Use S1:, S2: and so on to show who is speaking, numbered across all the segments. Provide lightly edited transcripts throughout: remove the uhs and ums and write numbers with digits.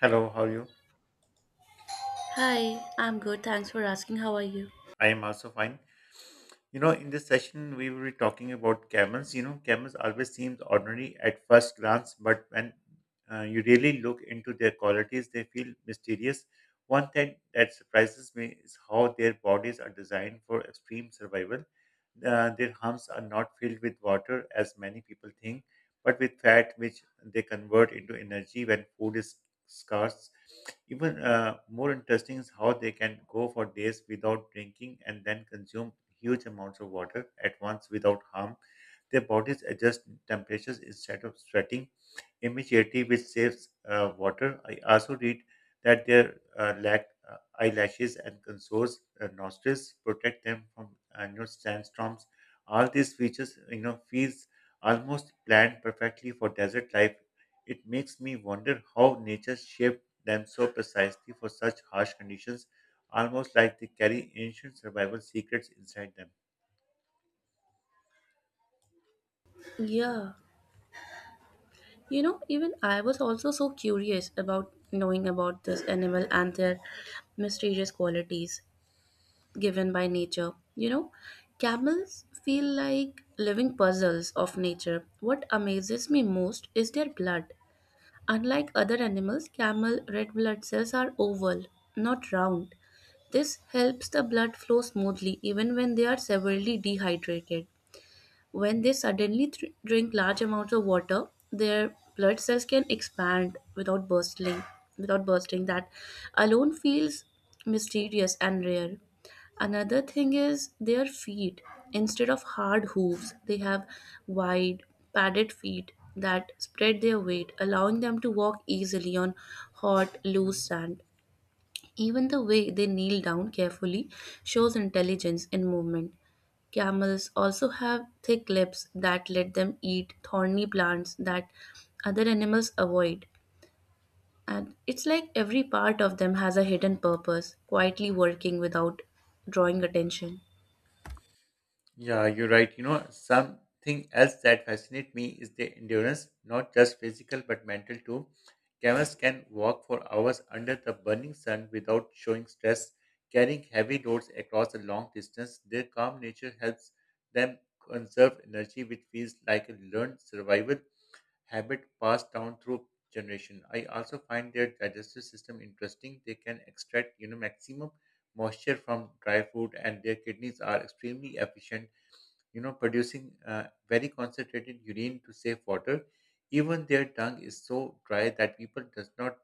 S1: Hello, how are you?
S2: Hi, I'm good. Thanks for asking. How are you?
S1: I am also fine. You know, in this session, we will be talking about camels. You know, camels always seems ordinary at first glance, but when you really look into their qualities, they feel mysterious. One thing that surprises me is how their bodies are designed for extreme survival. Their humps are not filled with water as many people think, but with fat, which they convert into energy when food is scarce. Even more interesting is how they can go for days without drinking and then consume huge amounts of water at once without harm. Their bodies adjust temperatures instead of sweating initiative which saves water. I also read that their lack, eyelashes and consoles nostrils protect them from sandstorms. All these features, feels almost planned perfectly for desert life. It makes me wonder how nature shaped them so precisely for such harsh conditions, almost like they carry ancient survival secrets inside them.
S2: Yeah. You know, even I was also so curious about knowing about this animal and their mysterious qualities given by nature. You know, camels feel like living puzzles of nature. What amazes me most is their blood. Unlike other animals, camel red blood cells are oval, not round. This helps the blood flow smoothly even when they are severely dehydrated. When they suddenly thr drink large amounts of water, their blood cells can expand without bursting. Without bursting, that alone feels mysterious and rare. Another thing is their feet. Instead of hard hooves, they have wide, padded feet that spread their weight, allowing them to walk easily on hot, loose sand. Even the way they kneel down carefully shows intelligence in movement. Camels also have thick lips that let them eat thorny plants that other animals avoid. And it's like every part of them has a hidden purpose, quietly working without drawing attention.
S1: Yeah, you're right. You know, something else that fascinates me is the endurance, not just physical but mental too. Camels can walk for hours under the burning sun without showing stress, carrying heavy loads across a long distance. Their calm nature helps them conserve energy, which feels like a learned survival habit passed down through generation. I also find their digestive system interesting. They can extract, maximum moisture from dry food, and their kidneys are extremely efficient producing very concentrated urine to save water. Even their tongue is so dry that people does not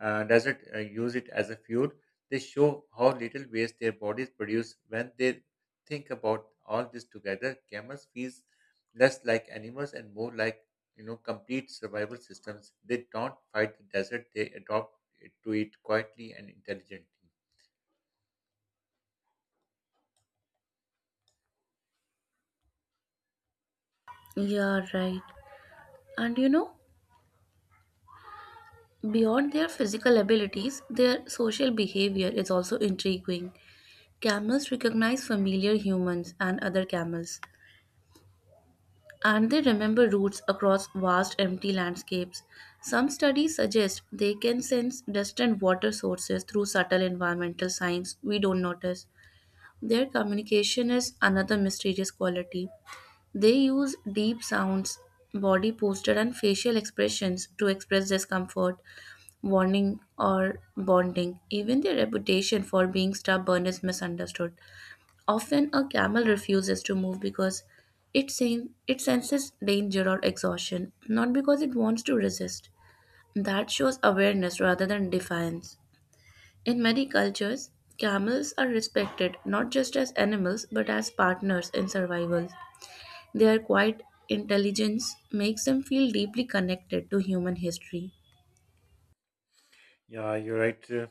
S1: uh, doesn't uh, use it as a fuel. They show how little waste their bodies produce when they think about all this together. Camels feel less like animals and more like complete survival systems. They don't fight the desert; they adopt it to it quietly and intelligently.
S2: Yeah, right. And you know, beyond their physical abilities, their social behavior is also intriguing. Camels recognize familiar humans and other camels, and they remember routes across vast empty landscapes. Some studies suggest they can sense distant water sources through subtle environmental signs we don't notice. Their communication is another mysterious quality. They use deep sounds, body posture, and facial expressions to express discomfort, warning, or bonding. Even their reputation for being stubborn is misunderstood. Often a camel refuses to move because it senses danger or exhaustion, not because it wants to resist. That shows awareness rather than defiance. In many cultures, camels are respected not just as animals but as partners in survival. Their quiet intelligence makes them feel deeply connected to human history.
S1: Yeah, you're right.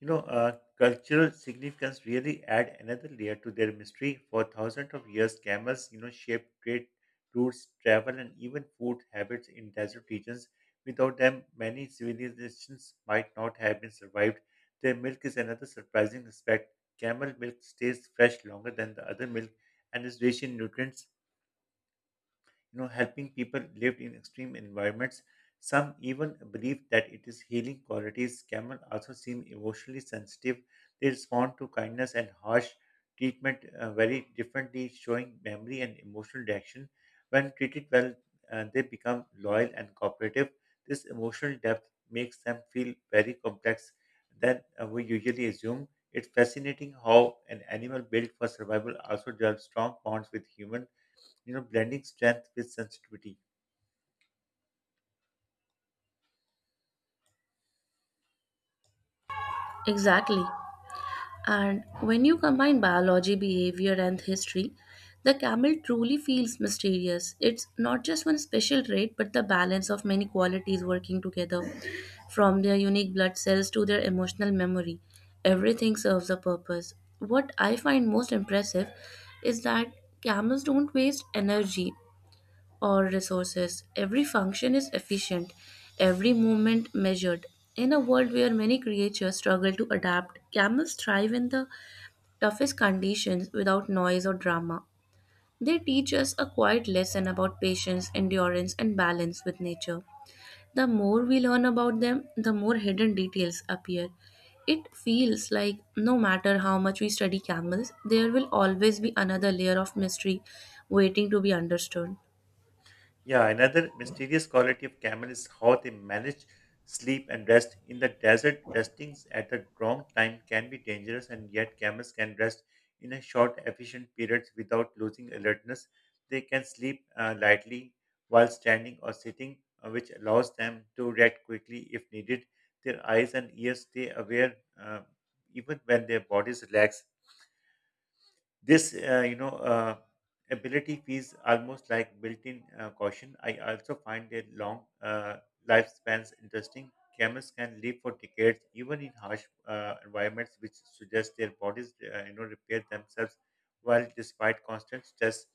S1: You know, cultural significance really add another layer to their mystery. For thousands of years, camels, shaped trade routes, travel, and even food habits in desert regions. Without them, many civilizations might not have been survived. Their milk is another surprising aspect. Camel milk stays fresh longer than the other milk and is rich in nutrients helping people lived in extreme environments. Some even believe that it is healing qualities. Camel also seem emotionally sensitive. They respond to kindness and harsh treatment very differently, showing memory and emotional reaction. When treated well, they become loyal and cooperative. This emotional depth makes them feel very complex than we usually assume. It's fascinating how an animal built for survival also develops strong bonds with humans blending strength with sensitivity.
S2: Exactly. And when you combine biology, behavior, and history, the camel truly feels mysterious. It's not just one special trait, but the balance of many qualities working together, from their unique blood cells to their emotional memory. Everything serves a purpose. What I find most impressive is that camels don't waste energy or resources. Every function is efficient, every movement measured. In a world where many creatures struggle to adapt, camels thrive in the toughest conditions without noise or drama. They teach us a quiet lesson about patience, endurance, and balance with nature. The more we learn about them, the more hidden details appear. It feels like no matter how much we study camels, there will always be another layer of mystery waiting to be understood.
S1: Yeah, another mysterious quality of camel is how they manage sleep and rest. In the desert, restings at the wrong time can be dangerous, and yet camels can rest in a short, efficient period without losing alertness. They can sleep lightly while standing or sitting, which allows them to react quickly if needed. Their eyes and ears stay aware uh, even when their bodies relax. This ability feels almost like built-in caution. I also find their long lifespans interesting. Camels can live for decades even in harsh environments, which suggests their bodies repair themselves while despite constant stress.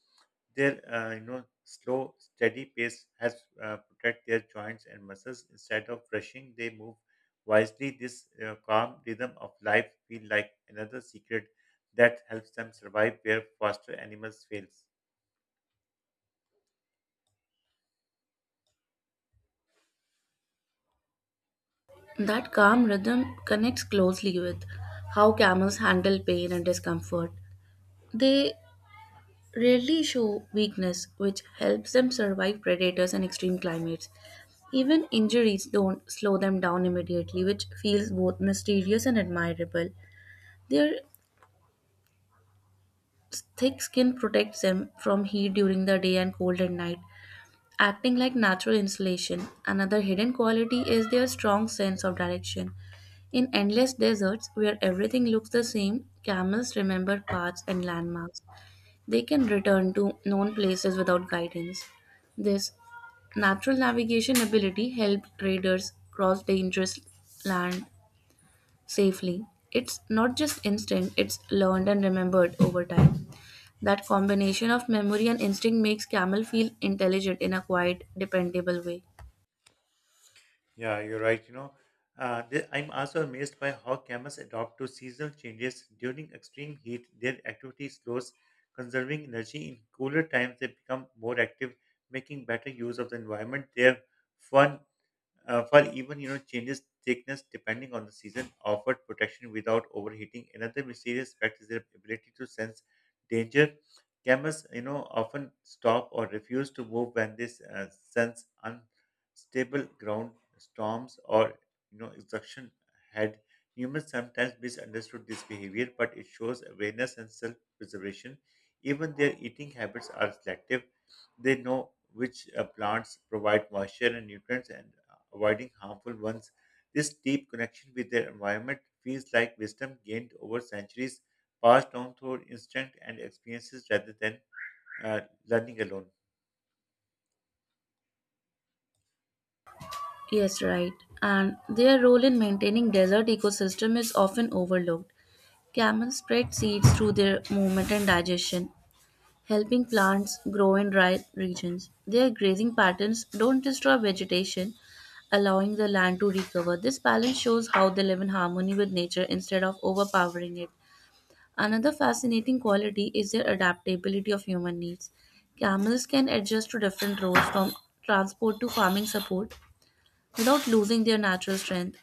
S1: Their slow steady pace has protect their joints and muscles. Instead of rushing, they move wisely. This calm rhythm of life feel like another secret that helps them survive where foster animals fails.
S2: That calm rhythm connects closely with how camels handle pain and discomfort. They rarely show weakness, which helps them survive predators and extreme climates. Even injuries don't slow them down immediately, which feels both mysterious and admirable. Their thick skin protects them from heat during the day and cold at night, acting like natural insulation. Another hidden quality is their strong sense of direction. In endless deserts where everything looks the same, camels remember paths and landmarks. They can return to known places without guidance. This natural navigation ability helped traders cross dangerous land safely. It's not just instinct, it's learned and remembered over time. That combination of memory and instinct makes camel feel intelligent in a quiet, dependable way.
S1: Yeah, you're right. You know, I'm also amazed by how camels adapt to seasonal changes during extreme heat. Their activity slows, conserving energy in cooler times. They become more active, making better use of the environment. Their fur, while even changes thickness depending on the season, offered protection without overheating. Another mysterious fact is their ability to sense danger. Camels, often stop or refuse to move when they uh, sense unstable ground, storms, or exhaustion ahead. Humans sometimes misunderstood this behavior, but it shows awareness and self-preservation. Even their eating habits are selective. They know which plants provide moisture and nutrients and avoiding harmful ones. This deep connection with their environment feels like wisdom gained over centuries, passed down through instinct and experiences rather than uh, learning alone.
S2: Yes, right. And their role in maintaining desert ecosystem is often overlooked. Camels spread seeds through their movement and digestion, helping plants grow in dry regions. Their grazing patterns don't destroy vegetation, allowing the land to recover. This balance shows how they live in harmony with nature instead of overpowering it. Another fascinating quality is their adaptability of human needs. Camels can adjust to different roles from transport to farming support, without losing their natural strength.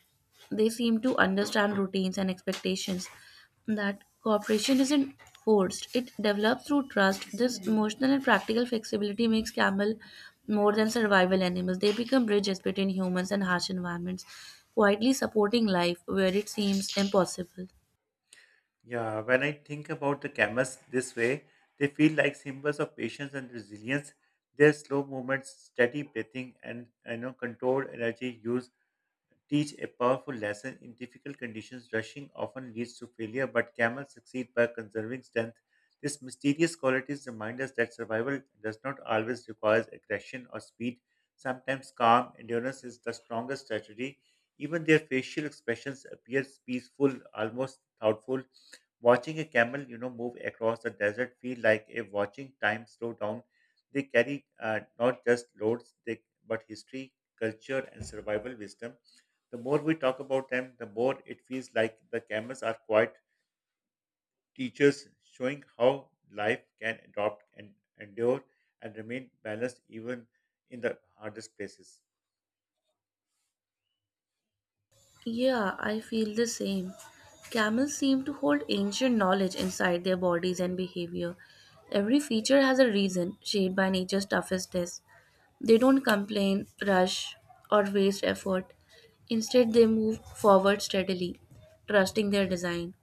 S2: They seem to understand routines and expectations. That cooperation isn't forced, it develops through trust. This emotional and practical flexibility makes camel more than survival animals. They become bridges between humans and harsh environments, quietly supporting life where it seems impossible.
S1: Yeah, when I think about the camas this way, they feel like symbols of patience and resilience. Their slow movements, steady breathing, and controlled energy use teach a powerful lesson. In difficult conditions, rushing often leads to failure, but camels succeed by conserving strength. These mysterious qualities remind us that survival does not always require aggression or speed. Sometimes calm endurance is the strongest strategy. Even their facial expressions appear peaceful, almost thoughtful. Watching a camel, move across the desert feel like a watching time slow down. They carry not just loads, but history, culture, and survival wisdom. The more we talk about them, the more it feels like the cameras are quite teachers, showing how life can adopt and endure and remain balanced even in the hardest places.
S2: Yeah, I feel the same. Camels seem to hold ancient knowledge inside their bodies and behavior. Every feature has a reason, shaped by nature's toughest test. They don't complain, rush, or waste effort. Instead, they move forward steadily, trusting their design.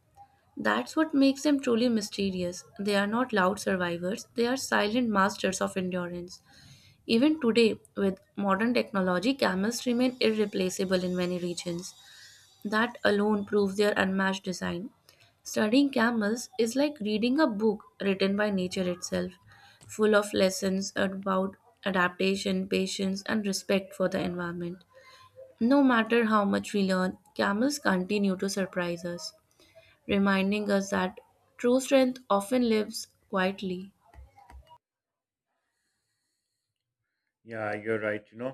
S2: That's what makes them truly mysterious. They are not loud survivors, they are silent masters of endurance. Even today, with modern technology, camels remain irreplaceable in many regions. That alone proves their unmatched design. Studying camels is like reading a book written by nature itself, full of lessons about adaptation, patience, and respect for the environment. No matter how much we learn, camels continue to surprise us, reminding us that true strength often lives quietly.
S1: Yeah, you're right. You know,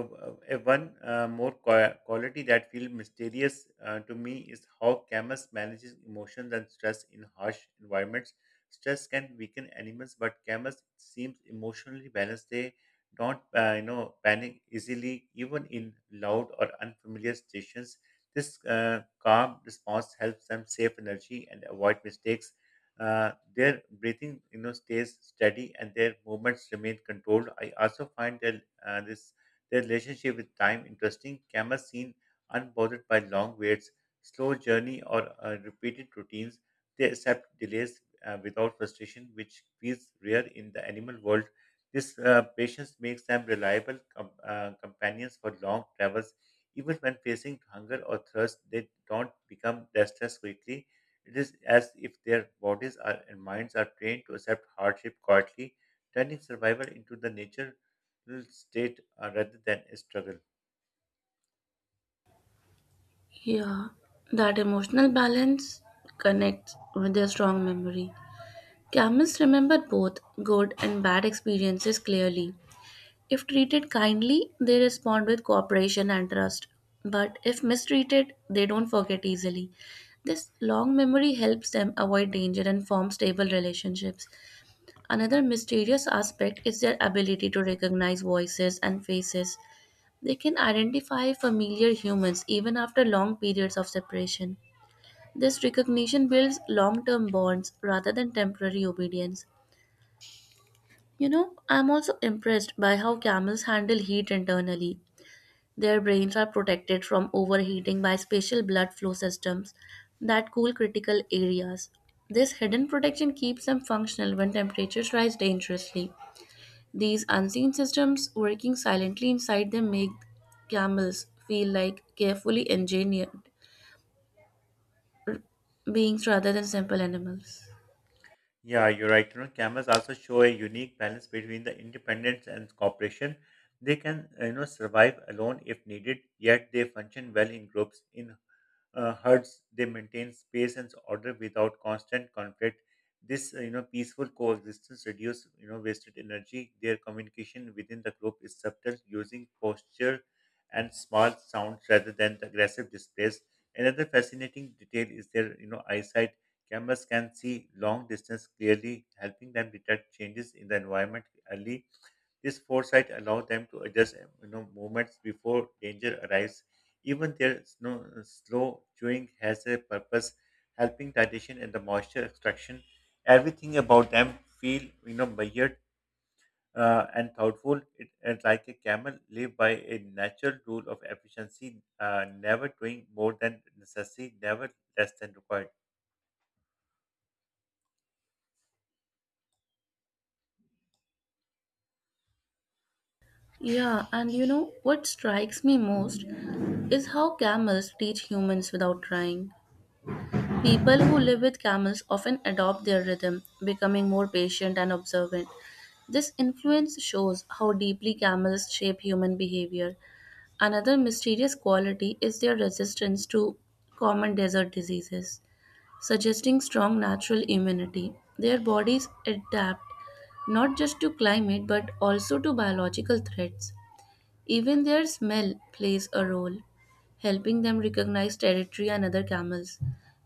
S1: Uh, one more quality that feels mysterious to me is how camus manages emotions and stress in harsh environments. Stress can weaken animals, but camus seems emotionally balanced. They don't panic easily, even in loud or unfamiliar stations. This uh, calm response helps them save energy and avoid mistakes. Their breathing, stays steady and their movements remain controlled. I also find their relationship with time interesting. Camels seem unbothered by long waits, slow journey, or repeated routines. They accept delays without frustration, which feels rare in the animal world. This patience makes them reliable companions for long travels. Even when facing hunger or thirst, they don't become restless quickly. It is as if their bodies are, and minds are trained to accept hardship quietly, turning survival into the natural state rather than a struggle.
S2: Yeah, that emotional balance connects with their strong memory. Camels remember both good and bad experiences clearly. If treated kindly, they respond with cooperation and trust. But if mistreated, they don't forget easily. This long memory helps them avoid danger and form stable relationships. Another mysterious aspect is their ability to recognize voices and faces. They can identify familiar humans even after long periods of separation. This recognition builds long term bonds rather than temporary obedience. You know, I'm also impressed by how camels handle heat internally. Their brains are protected from overheating by special blood flow systems that cool critical areas. This hidden protection keeps them functional when temperatures rise dangerously. These unseen systems working silently inside them make camels feel like carefully engineered beings rather than simple animals.
S1: Yeah, you're right. You know, cameras also show a unique balance between the independence and cooperation. They can survive alone if needed, yet they function well in groups. In herds, they maintain space and order without constant conflict. This peaceful coexistence reduces wasted energy. Their communication within the group is subtle, using posture and small sounds rather than the aggressive displays. Another fascinating detail is their eyesight. Cameras can see long distance clearly, helping them detect changes in the environment early. This foresight allows them to adjust movements before danger arrives. Even their slow chewing has a purpose, helping digestion and the moisture extraction. Everything about them feel measured and thoughtful. And like a camel, live by a natural rule of efficiency, never doing more than necessary, never less than required.
S2: Yeah, and you know what strikes me most is how camels teach humans without trying. People who live with camels often adopt their rhythm, becoming more patient and observant. This influence shows how deeply camels shape human behavior. Another mysterious quality is their resistance to common desert diseases, suggesting strong natural immunity. Their bodies adapt not just to climate but also to biological threats. Even their smell plays a role, helping them recognize territory and other camels.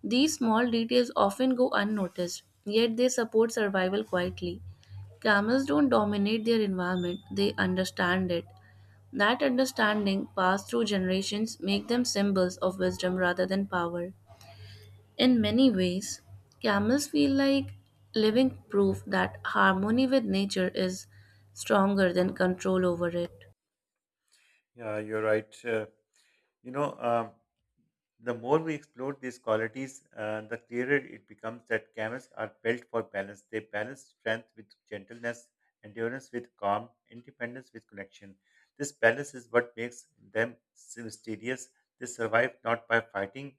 S2: These small details often go unnoticed, yet they support survival quietly. Camels don't dominate their environment, they understand it. That understanding, passed through generations, make them symbols of wisdom rather than power. In many ways, camels feel like living proof that harmony with nature is stronger than control over it.
S1: Yeah, you're right. You know, the more we explore these qualities, the clearer it becomes that camels are built for balance. They balance strength with gentleness, endurance with calm, independence with connection. This balance is what makes them mysterious. They survive not by fighting,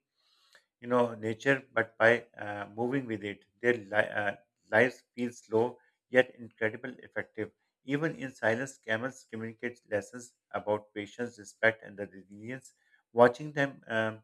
S1: nature, but by moving with it. Their lives feel slow yet incredible effective. Even in silence, camels communicate lessons about patience, respect, and the resilience. Watching them, um,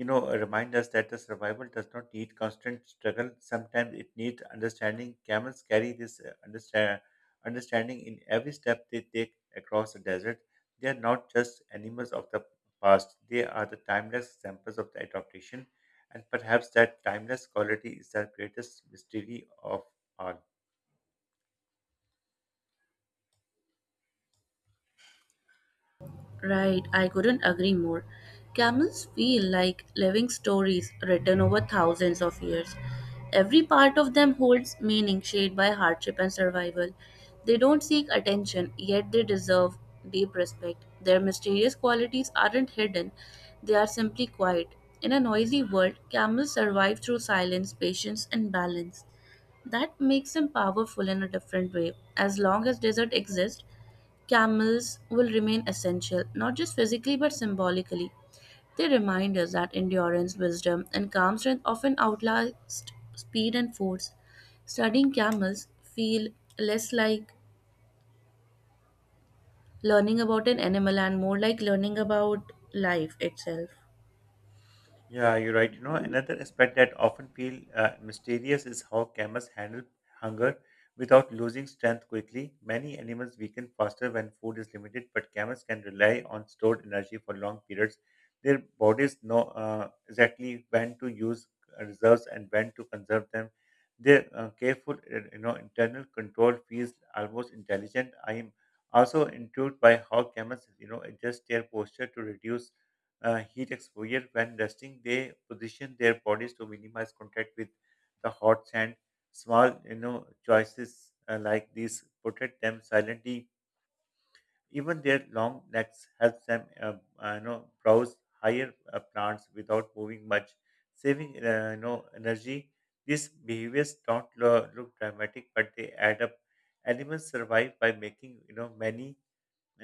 S1: remind us that the survival does not need constant struggle. Sometimes it needs understanding. Camels carry this understanding in every step they take across the desert. They are not just animals of the past, they are the timeless examples of the adaptation. And perhaps that timeless quality is the greatest mystery of all.
S2: Right, I couldn't agree more. Camels feel like living stories written over thousands of years. Every part of them holds meaning shaped by hardship and survival. They don't seek attention, yet they deserve deep respect. Their mysterious qualities aren't hidden, they are simply quiet. In a noisy world, camels survive through silence, patience, and balance. That makes them powerful in a different way. As long as desert exists, camels will remain essential, not just physically but symbolically. They remind us that endurance, wisdom, and calm strength often outlast speed and force. Studying camels feel less like learning about an animal and more like learning about life itself.
S1: Yeah, you're right. You know, another aspect that often feel mysterious is how camels handle hunger without losing strength quickly. Many animals weaken faster when food is limited, but camels can rely on stored energy for long periods. Their bodies know exactly when to use reserves and when to conserve them. Their careful, internal control feels almost intelligent. I am also intrigued by how camels, adjust their posture to reduce heat exposure. When resting, they position their bodies to minimize contact with the hot sand. Small choices like these protect them silently. Even their long necks helps them, browse higher plants without moving much, saving, energy. These behaviors don't look dramatic, but they add up. Animals survive by making, many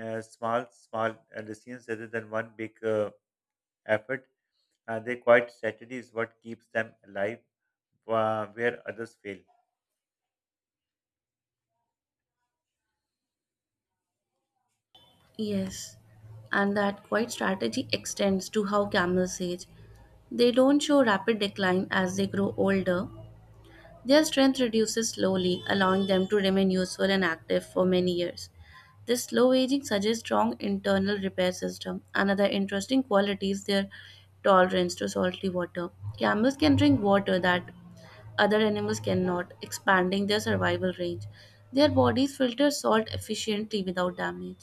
S1: small, decisions rather than one big effort. Their quiet strategy is what keeps them alive where others fail.
S2: Yes, and that quiet strategy extends to how camels age. They don't show rapid decline as they grow older. Their strength reduces slowly, allowing them to remain useful and active for many years. This slow aging suggests strong internal repair system. Another interesting quality is their tolerance to salty water. Camels can drink water that other animals cannot, expanding their survival range. Their bodies filter salt efficiently without damage.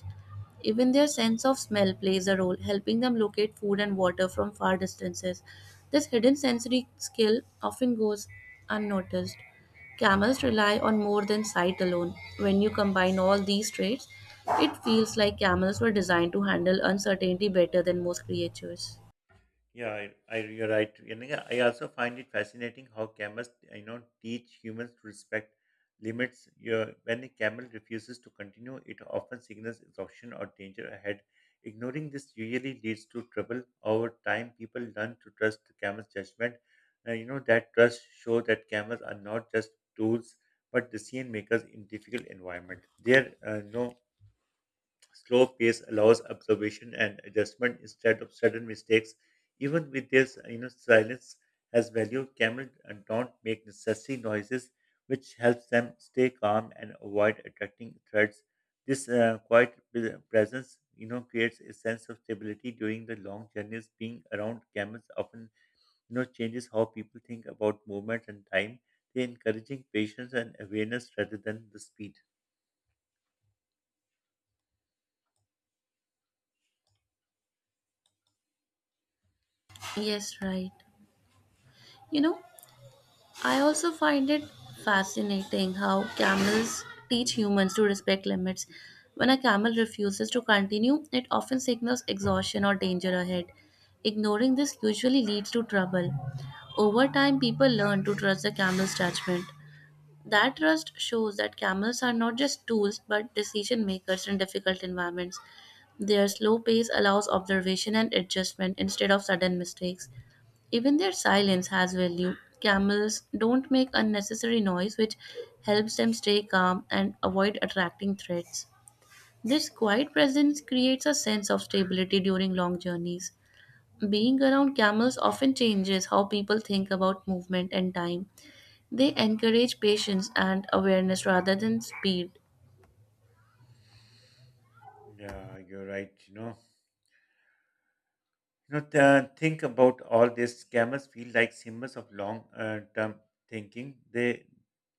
S2: Even their sense of smell plays a role, helping them locate food and water from far distances. This hidden sensory skill often goes unnoticed. Camels rely on more than sight alone. When you combine all these traits, it feels like camels were designed to handle uncertainty better than most creatures.
S1: Yeah, you're right. And I also find it fascinating how camels, teach humans to respect limits. You when a camel refuses to continue, it often signals exhaustion or danger ahead. Ignoring this usually leads to trouble. Over time, people learn to trust the camel's judgment. That trust shows that camels are not just tools, but decision makers in difficult environment. Their no Slow pace allows observation and adjustment instead of sudden mistakes. Even with this, silence has value. Camels don't make necessary noises, which helps them stay calm and avoid attracting threats. This quiet presence, creates a sense of stability during the long journeys. Being around camels often, changes how people think about movement and time. They encouraging patience and awareness rather than the speed.
S2: Yes, right. You know, I also find it fascinating how camels teach humans to respect limits. When a camel refuses to continue, it often signals exhaustion or danger ahead. Ignoring this usually leads to trouble. Over time, people learn to trust the camel's judgment. That trust shows that camels are not just tools but decision makers in difficult environments. Their slow pace allows observation and adjustment instead of sudden mistakes. Even their silence has value. Camels don't make unnecessary noise, which helps them stay calm and avoid attracting threats. This quiet presence creates a sense of stability during long journeys. Being around camels often changes how people think about movement and time. They encourage patience and awareness rather than speed.
S1: Yeah, you're right. Think about all this. Scammers feel like symbols of long-term thinking. They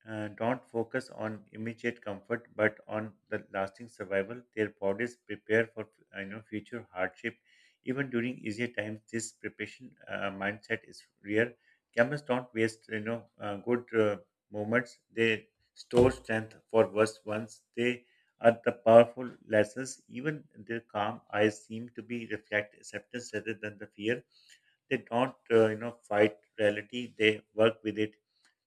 S1: don't focus on immediate comfort, but on the lasting survival. Their bodies prepare for future hardship, even during easier times. This preparation mindset is rare. Scammers don't waste good moments. They store strength for worse ones. They are the powerful lenses. Even their calm eyes seem to be reflect acceptance rather than the fear. They don't, fight reality. They work with it.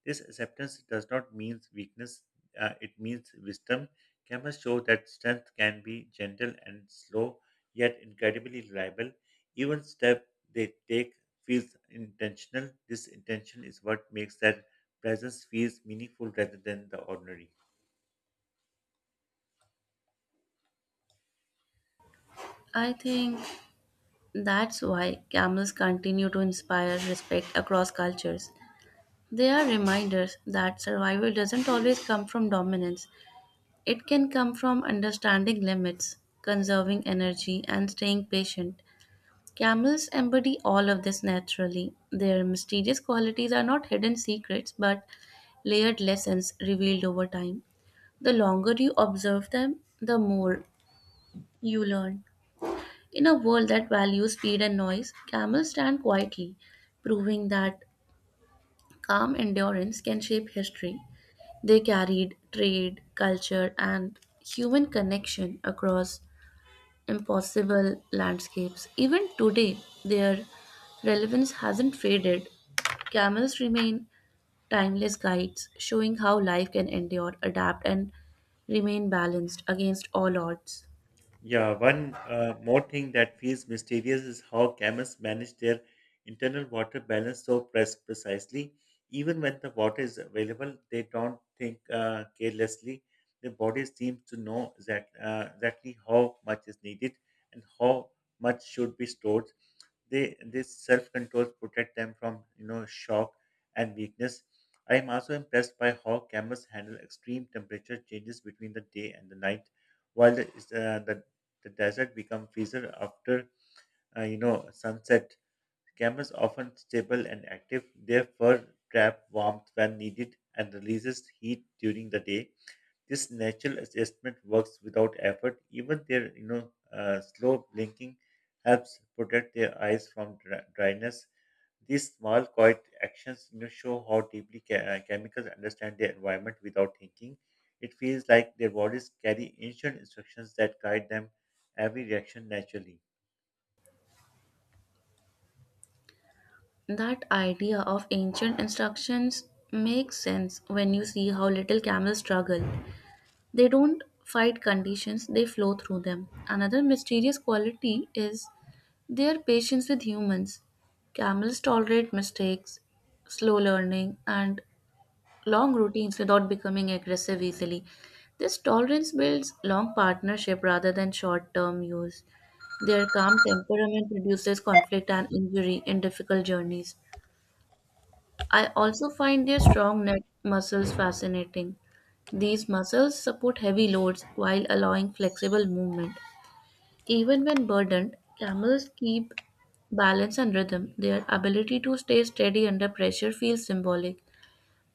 S1: This acceptance does not mean weakness. It means wisdom. Cameras show that strength can be gentle and slow, yet incredibly reliable. Even step they take feels intentional. This intention is what makes that presence feels meaningful rather than the ordinary.
S2: I think that's why camels continue to inspire respect across cultures. They are reminders that survival doesn't always come from dominance. It can come from understanding limits, conserving energy, and staying patient. Camels embody all of this naturally. Their mysterious qualities are not hidden secrets but layered lessons revealed over time. The longer you observe them, the more you learn. In a world that values speed and noise, camels stand quietly, proving that calm endurance can shape history. They carried trade, culture, and human connection across impossible landscapes. Even today, their relevance hasn't faded. Camels remain timeless guides, showing how life can endure, adapt, and remain balanced against all odds.
S1: Yeah, one more thing that feels mysterious is how camels manage their internal water balance so precisely. Even when the water is available, they don't think carelessly. Their body seems to know exactly how much is needed and how much should be stored. They This self control protect them from shock and weakness. I am also impressed by how camels handle extreme temperature changes between the day and the night, while the, is, the desert become fiercer after sunset. Camels often stable and active. Their fur trap warmth when needed and releases heat during the day. This natural adjustment works without effort. Even their slow blinking helps protect their eyes from dryness. These small, quiet actions show how deeply chemicals understand their environment without thinking. It feels like their bodies carry ancient instructions that guide them every reaction naturally.
S2: That idea of ancient instructions makes sense when you see how little camels struggle. They don't fight conditions, they flow through them. Another mysterious quality is their patience with humans. Camels tolerate mistakes, slow learning, and long routines without becoming aggressive easily. This tolerance builds long partnership rather than short term use. Their calm temperament reduces conflict and injury in difficult journeys. I also find their strong neck muscles fascinating. These muscles support heavy loads while allowing flexible movement. Even when burdened, camels keep balance and rhythm. Their ability to stay steady under pressure feels symbolic.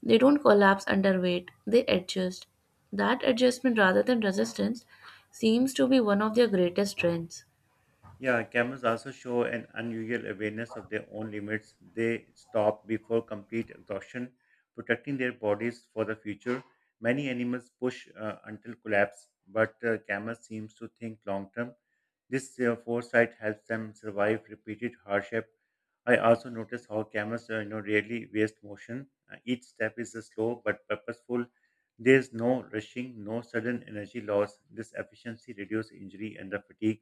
S2: They don't collapse under weight, they adjust. That adjustment rather than resistance seems to be one of their greatest strengths.
S1: Yeah, cameras also show an unusual awareness of their own limits. They stop before complete exhaustion, protecting their bodies for the future. Many animals push until collapse, but cameras seems to think long term. This foresight helps them survive repeated hardship. I also notice how camels, rarely waste motion. Each step is slow but purposeful. There is no rushing, no sudden energy loss. This efficiency reduces injury and the fatigue.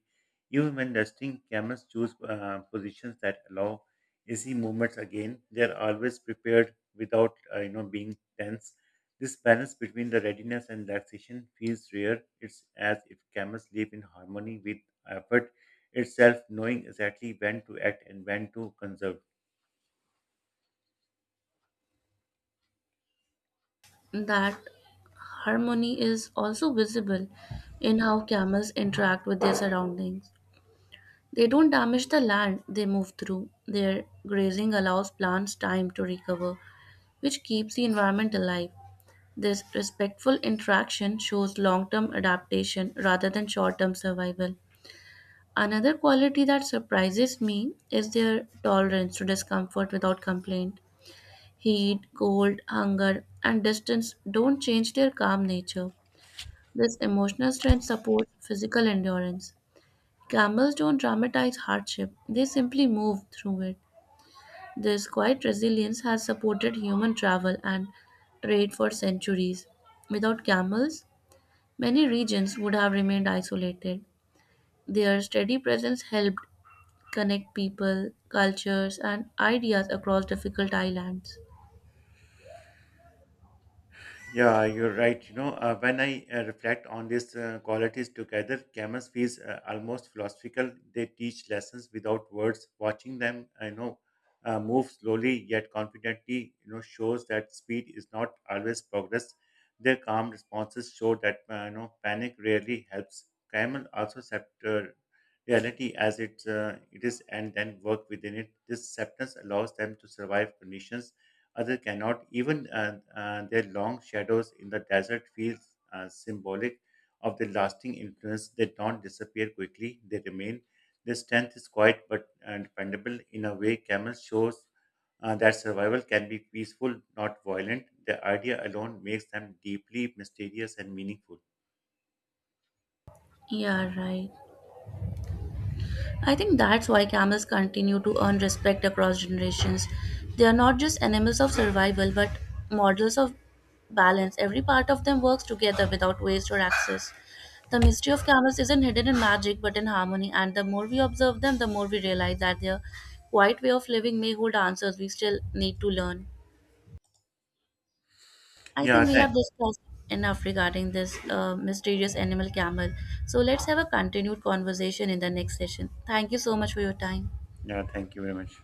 S1: Even when resting, camels choose positions that allow easy movements again. They are always prepared without being tense. This balance between the readiness and relaxation feels rare. It's as if camels live in harmony with effort itself, knowing exactly when to act and when to conserve.
S2: That harmony is also visible in how camels interact with their surroundings. They don't damage the land they move through. Their grazing allows plants time to recover, which keeps the environment alive. This respectful interaction shows long term adaptation rather than short term survival. Another quality that surprises me is their tolerance to discomfort without complaint. Heat, cold, hunger, and distance don't change their calm nature. This emotional strength supports physical endurance. Camels don't dramatize hardship, they simply move through it. This quiet resilience has supported human travel and trade for centuries. Without camels, many regions would have remained isolated. Their steady presence helped connect people, cultures, and ideas across difficult islands.
S1: Yeah, you're right. When I reflect on these qualities together, Camus feels almost philosophical. They teach lessons without words. Watching them, I know, move slowly yet confidently, shows that speed is not always progress. Their calm responses show that, panic rarely helps. Camel also accept reality as it is and then work within it. This acceptance allows them to survive conditions other cannot. Even their long shadows in the desert feel symbolic of the lasting influence. They don't disappear quickly, they remain. Their strength is quiet but dependable. In a way, camel shows that survival can be peaceful, not violent. The idea alone makes them deeply mysterious and meaningful.
S2: Yeah, right. I think that's why camels continue to earn respect across generations. They are not just animals of survival, but models of balance. Every part of them works together without waste or excess. The mystery of camels isn't hidden in magic, but in harmony, and the more we observe them, the more we realize that their quiet way of living may hold answers we still need to learn. I
S1: Yeah,
S2: think we
S1: thank,
S2: have discussed enough regarding this mysterious animal camel. So let's have a continued conversation in the next session. Thank you so much for your time.
S1: yeah, thank you very much.